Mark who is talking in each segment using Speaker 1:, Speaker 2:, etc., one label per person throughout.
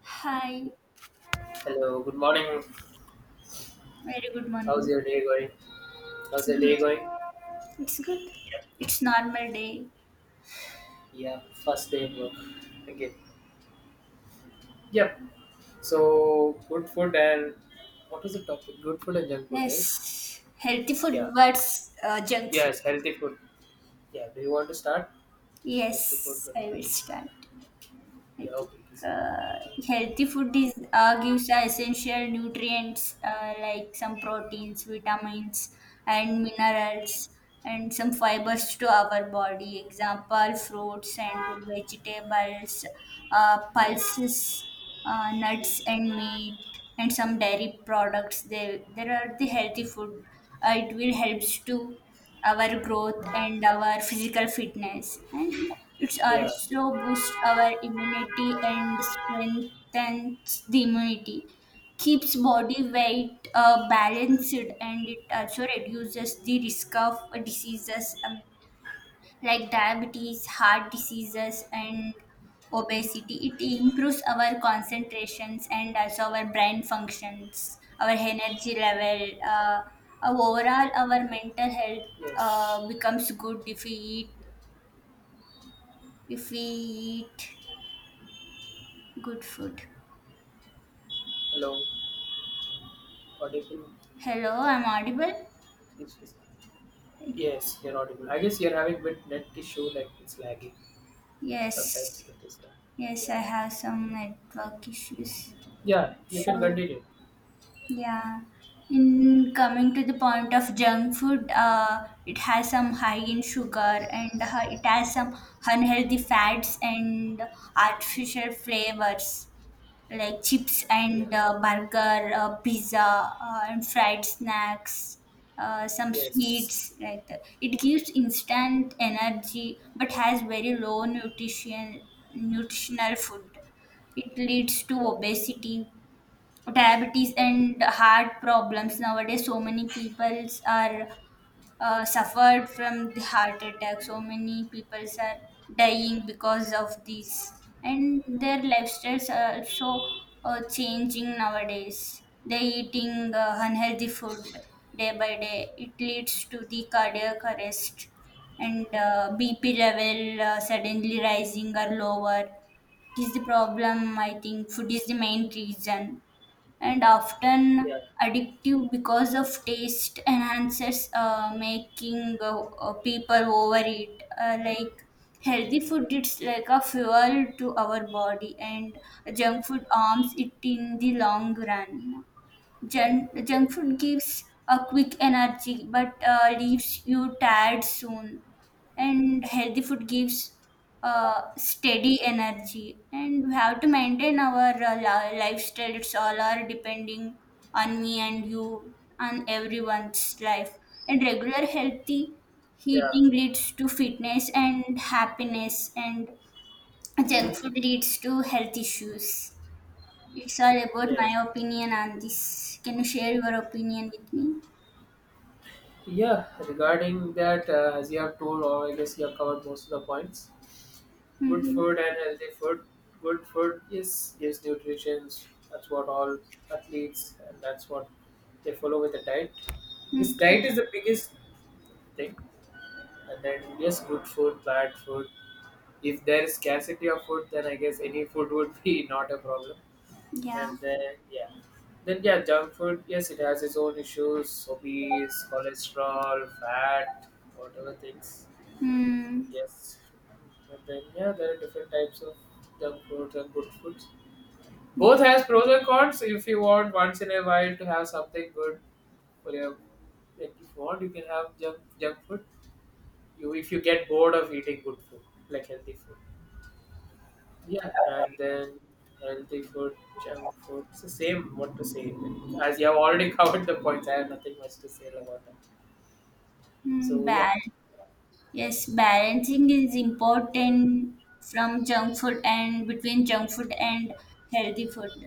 Speaker 1: Hi,
Speaker 2: Hello, good morning.
Speaker 1: very good
Speaker 2: How's
Speaker 1: morning.
Speaker 2: your day going?
Speaker 1: It's
Speaker 2: How's your
Speaker 1: good.
Speaker 2: day going?
Speaker 1: It's good.
Speaker 2: Yep.
Speaker 1: It's normal day.
Speaker 2: Yeah, first day at work. Okay. Yep. So, good food and what was the topic? Good food and junk food, right?
Speaker 1: Yes, healthy food
Speaker 2: Yeah.
Speaker 1: versus junk food.
Speaker 2: Yes, healthy food. Yeah. Do you want to start? Healthy food,
Speaker 1: Yes,
Speaker 2: right?
Speaker 1: I will start. I
Speaker 2: Yeah.
Speaker 1: think
Speaker 2: Okay. Please start.
Speaker 1: uh, healthy food is gives the essential nutrients like some proteins, vitamins, and minerals, and some
Speaker 2: Mm.
Speaker 1: fibers to our body. Example: fruits and good vegetables, pulses, nuts and meat, and some dairy products. They there are the healthy food. It will helps to our growth and our physical fitness, and it's
Speaker 2: Yeah.
Speaker 1: also boosts our immunity and strengthens the immunity, keeps body weight balanced, and it also reduces the risk of diseases like diabetes, heart diseases, and obesity. It improves our concentrations and also our brain functions, our energy level. Overall, our mental health
Speaker 2: Yes.
Speaker 1: becomes good if we eat good food.
Speaker 2: Hello. Audible.
Speaker 1: Hello, I'm audible.
Speaker 2: Please, please. Yes, you're audible. I guess you're having bit net issue, like it's lagging. Sometimes
Speaker 1: Yes,
Speaker 2: it is.
Speaker 1: yes,
Speaker 2: Yeah.
Speaker 1: I have some network issues.
Speaker 2: Yeah, you can
Speaker 1: Sure.
Speaker 2: continue.
Speaker 1: Yeah. In coming to the point of junk food, it has some high in sugar, and it has some unhealthy fats and artificial flavors like chips
Speaker 2: Yeah.
Speaker 1: and burger, pizza, and fried snacks, some
Speaker 2: Yes.
Speaker 1: sweets like that. It gives instant energy but has very low nutritional food. It leads to
Speaker 2: Yeah.
Speaker 1: obesity, diabetes and heart problems. Nowadays so many peoples are suffered from the heart attack, so many peoples are dying because of this, and their lifestyles are also changing. Nowadays they eating unhealthy food day by day. It leads to the cardiac arrest, and bp level suddenly rising or lower. It is the problem. I think food is the main reason, and often
Speaker 2: Yeah.
Speaker 1: addictive because of taste enhancers, making people overeat. Like healthy food, it's like a fuel to our body, and junk food arms it in the long run. Junk food gives a quick energy but leaves you tired soon. And healthy food gives steady energy. And we have to maintain our lifestyle. It's all are depending on me and you, on everyone's life. And regular healthy
Speaker 2: Yeah.
Speaker 1: eating leads to fitness and happiness, and junk food leads to health issues. It's all about my
Speaker 2: Yes.
Speaker 1: opinion on this. Can you share your opinion with me?
Speaker 2: Yeah. Regarding that, as you have told, or I guess you have covered most of the points. Good
Speaker 1: Mm-hmm.
Speaker 2: food and healthy food. Good food, is gives nutrition. That's what all athletes and that's what they follow with the diet. This
Speaker 1: Mm-hmm.
Speaker 2: diet is the biggest thing. And then yes, good food, bad food. If there is scarcity of food, then I guess any food would be not a problem.
Speaker 1: Yeah.
Speaker 2: And then yeah, junk food. Yes, it has its own issues: obese, cholesterol, fat, whatever things.
Speaker 1: Mm.
Speaker 2: Yes, and then yeah, there are different types of junk foods and good foods. Both has pros and cons. If you want once in a while to have something good for your, like if you want, you can have junk food. You if you get bored of eating good food, like healthy food. Yeah, and then healthy food, junk food. It's the same what to say. As you have already covered the points, I have nothing much to say about that.
Speaker 1: Mm.
Speaker 2: So yeah,
Speaker 1: Yes, balancing is important from junk food and between junk food and healthy food.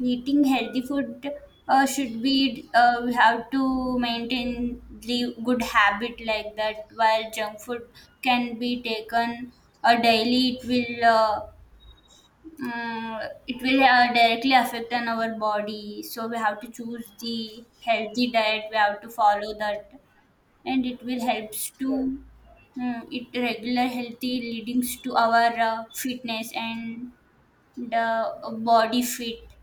Speaker 1: Eating healthy food should be, we have to maintain the good habit like that. While junk food can be taken daily, it will. Mm, it will directly affect on our body, so we have to choose the healthy diet, we have to follow that, and it will helps
Speaker 2: yeah,
Speaker 1: to it regular healthy leadings to our fitness and the body fit,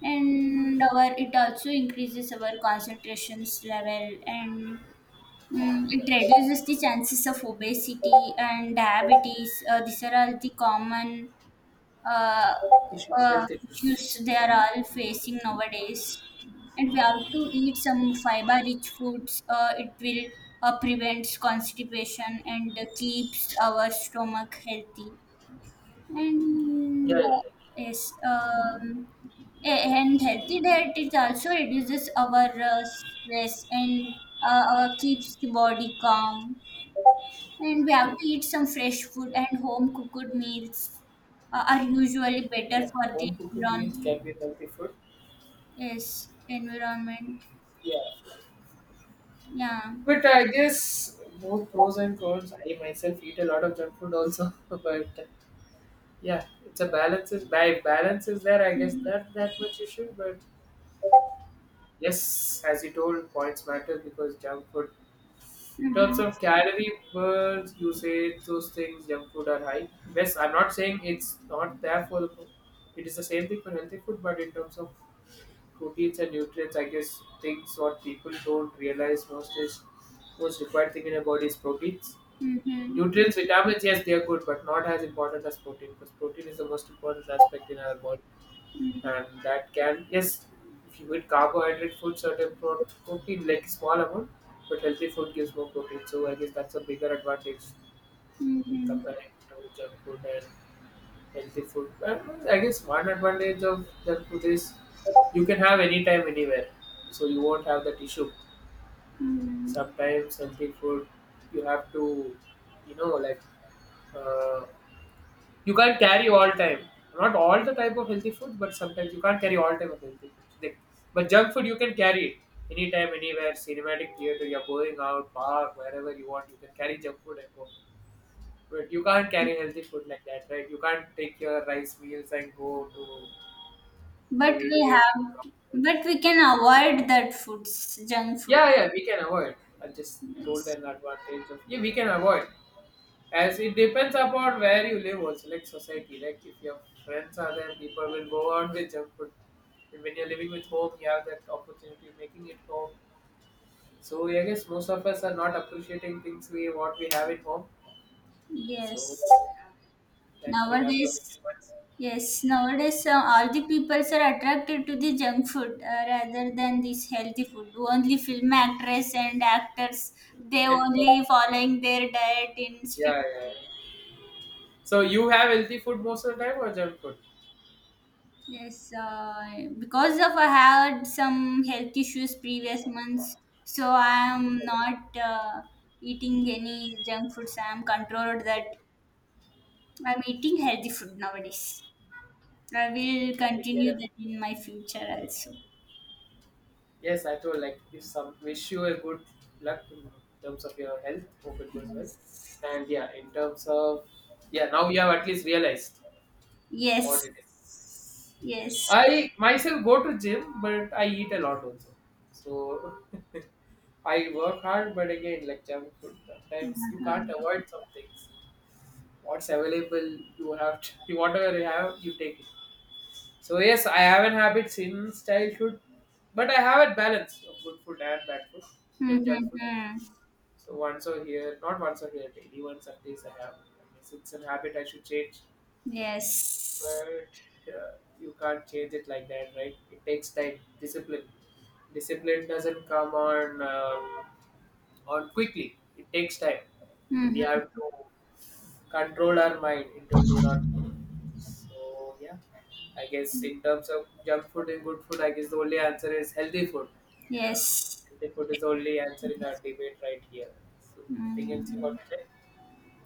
Speaker 1: and our it also increases our concentrations level, and it reduces the chances of obesity and diabetes. Uh, These are all the common uh,
Speaker 2: issues,
Speaker 1: uh,
Speaker 2: health issues.
Speaker 1: issues they are all facing nowadays. And we have to eat some fiber-rich foods. It will prevent constipation and keeps our stomach healthy. And
Speaker 2: Yeah, yeah,
Speaker 1: Yes, and healthy diet it also reduces our stress and keeps the body calm, and we have
Speaker 2: yeah.
Speaker 1: to eat some fresh food, and home cooked meals are usually better
Speaker 2: Yeah,
Speaker 1: for the
Speaker 2: home cooked
Speaker 1: environment.
Speaker 2: meals can be healthy food.
Speaker 1: Yes, environment.
Speaker 2: Yeah,
Speaker 1: Yeah.
Speaker 2: but I guess both pros and cons. I myself eat a lot of junk food also, but yeah, it's a balance. Is by balance is there? I guess
Speaker 1: Mm-hmm.
Speaker 2: not that much issue, but yes, as you told, points matter because junk food terms
Speaker 1: Mm-hmm.
Speaker 2: of calorie per usage, those things, junk food are high. Yes, I'm not saying it's not there for the food. It is the same thing for healthy food, but in terms of proteins and nutrients, I guess things what people don't realize most is most required thing in a body is proteins.
Speaker 1: Mm-hmm.
Speaker 2: Nutrients, vitamins, yes, they are good, but not as important as protein because protein is the most important aspect in our body and that can yes if you eat carbohydrate food certain protein like small amount but healthy food gives more protein so I guess that's a bigger advantage
Speaker 1: Mm-hmm.
Speaker 2: comparing to junk food and healthy food and I guess one advantage of junk food is you can have anytime anywhere so you won't have that issue
Speaker 1: Mm-hmm.
Speaker 2: sometimes healthy food you have to you know like uh, you can't carry all time. Not all the type of healthy food, but sometimes you can't carry all type of healthy food. Like, but junk food you can carry it anytime, anywhere. Cinematic theater, you're going out, park, wherever you want, you can carry junk food and go. But you can't carry healthy food like that, right? You can't take your rice meals and go to
Speaker 1: But
Speaker 2: movie
Speaker 1: we
Speaker 2: theater.
Speaker 1: have, but we can avoid that foods, junk food.
Speaker 2: Yeah, yeah, we can avoid. I just told
Speaker 1: Yes.
Speaker 2: an advantage of yeah, we can avoid. As it depends upon where you live also, like society. Like if your friends are there, people will go out with junk food. And when you're living with home, you have that opportunity of making it home. So I guess most of us are not appreciating things we what we have at home. So
Speaker 1: Yes.
Speaker 2: that we have to make
Speaker 1: Nowadays,
Speaker 2: sure it's-
Speaker 1: Yes, nowadays all the peoples are attracted to the junk food rather than this healthy food. Only film actress and actors, they only following their diet in strict.
Speaker 2: yeah, yeah, yeah. So you have healthy food most of the time or junk food?
Speaker 1: Yes, because of I had some health issues previous months, so I am
Speaker 2: Okay,
Speaker 1: not eating any junk foods. I am controlled that I'm eating healthy food nowadays. I will
Speaker 2: take
Speaker 1: continue
Speaker 2: care.
Speaker 1: that in my future also.
Speaker 2: Yes, I told like if some wish you a good luck in terms of your health, hope it goes well.
Speaker 1: Yes.
Speaker 2: And yeah, in terms of yeah, now you have at least realized what
Speaker 1: Yes.
Speaker 2: it is.
Speaker 1: Yes.
Speaker 2: I myself go to gym, but I eat a lot also. So I work hard, but again, like junk food, sometimes you can't
Speaker 1: Mhm.
Speaker 2: avoid some things. What's available, you have to, whatever you have, you take it. So yes, I have an habit since childhood, but I have a balance of good food and bad food, junk food.
Speaker 1: Mhm.
Speaker 2: So once or here, not once or here, daily once at least I have. I guess it's a habit I should change,
Speaker 1: Yes.
Speaker 2: but you can't change it like that, right? It takes time, discipline. Discipline doesn't come on quickly. It takes time. We
Speaker 1: Mhm.
Speaker 2: have to control our mind into do not so yeah, I guess in terms of junk food and good food, I guess the only answer is healthy food.
Speaker 1: Yes.
Speaker 2: Healthy food is the only answer in our debate right here. So anything else you
Speaker 1: Mm,
Speaker 2: want to say?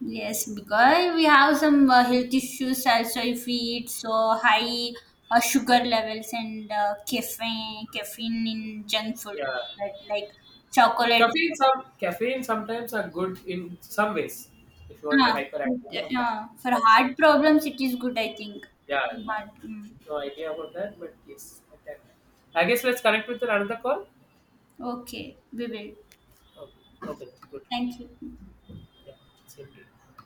Speaker 1: Yes, because we have some health issues also if we eat so high sugar levels and caffeine in junk food,
Speaker 2: Yeah,
Speaker 1: right? Like chocolate.
Speaker 2: caffeine some caffeine sometimes are good in some ways. If you want to
Speaker 1: Ah,
Speaker 2: be hyperactive, some
Speaker 1: yeah. For
Speaker 2: but
Speaker 1: heart
Speaker 2: not.
Speaker 1: problems, it is good, I think.
Speaker 2: Yeah,
Speaker 1: But mm,
Speaker 2: no idea about that, but yes, okay. I guess let's connect with another call.
Speaker 1: okay, we will.
Speaker 2: Okay, okay, good.
Speaker 1: Thank you.
Speaker 2: Yeah, same to you.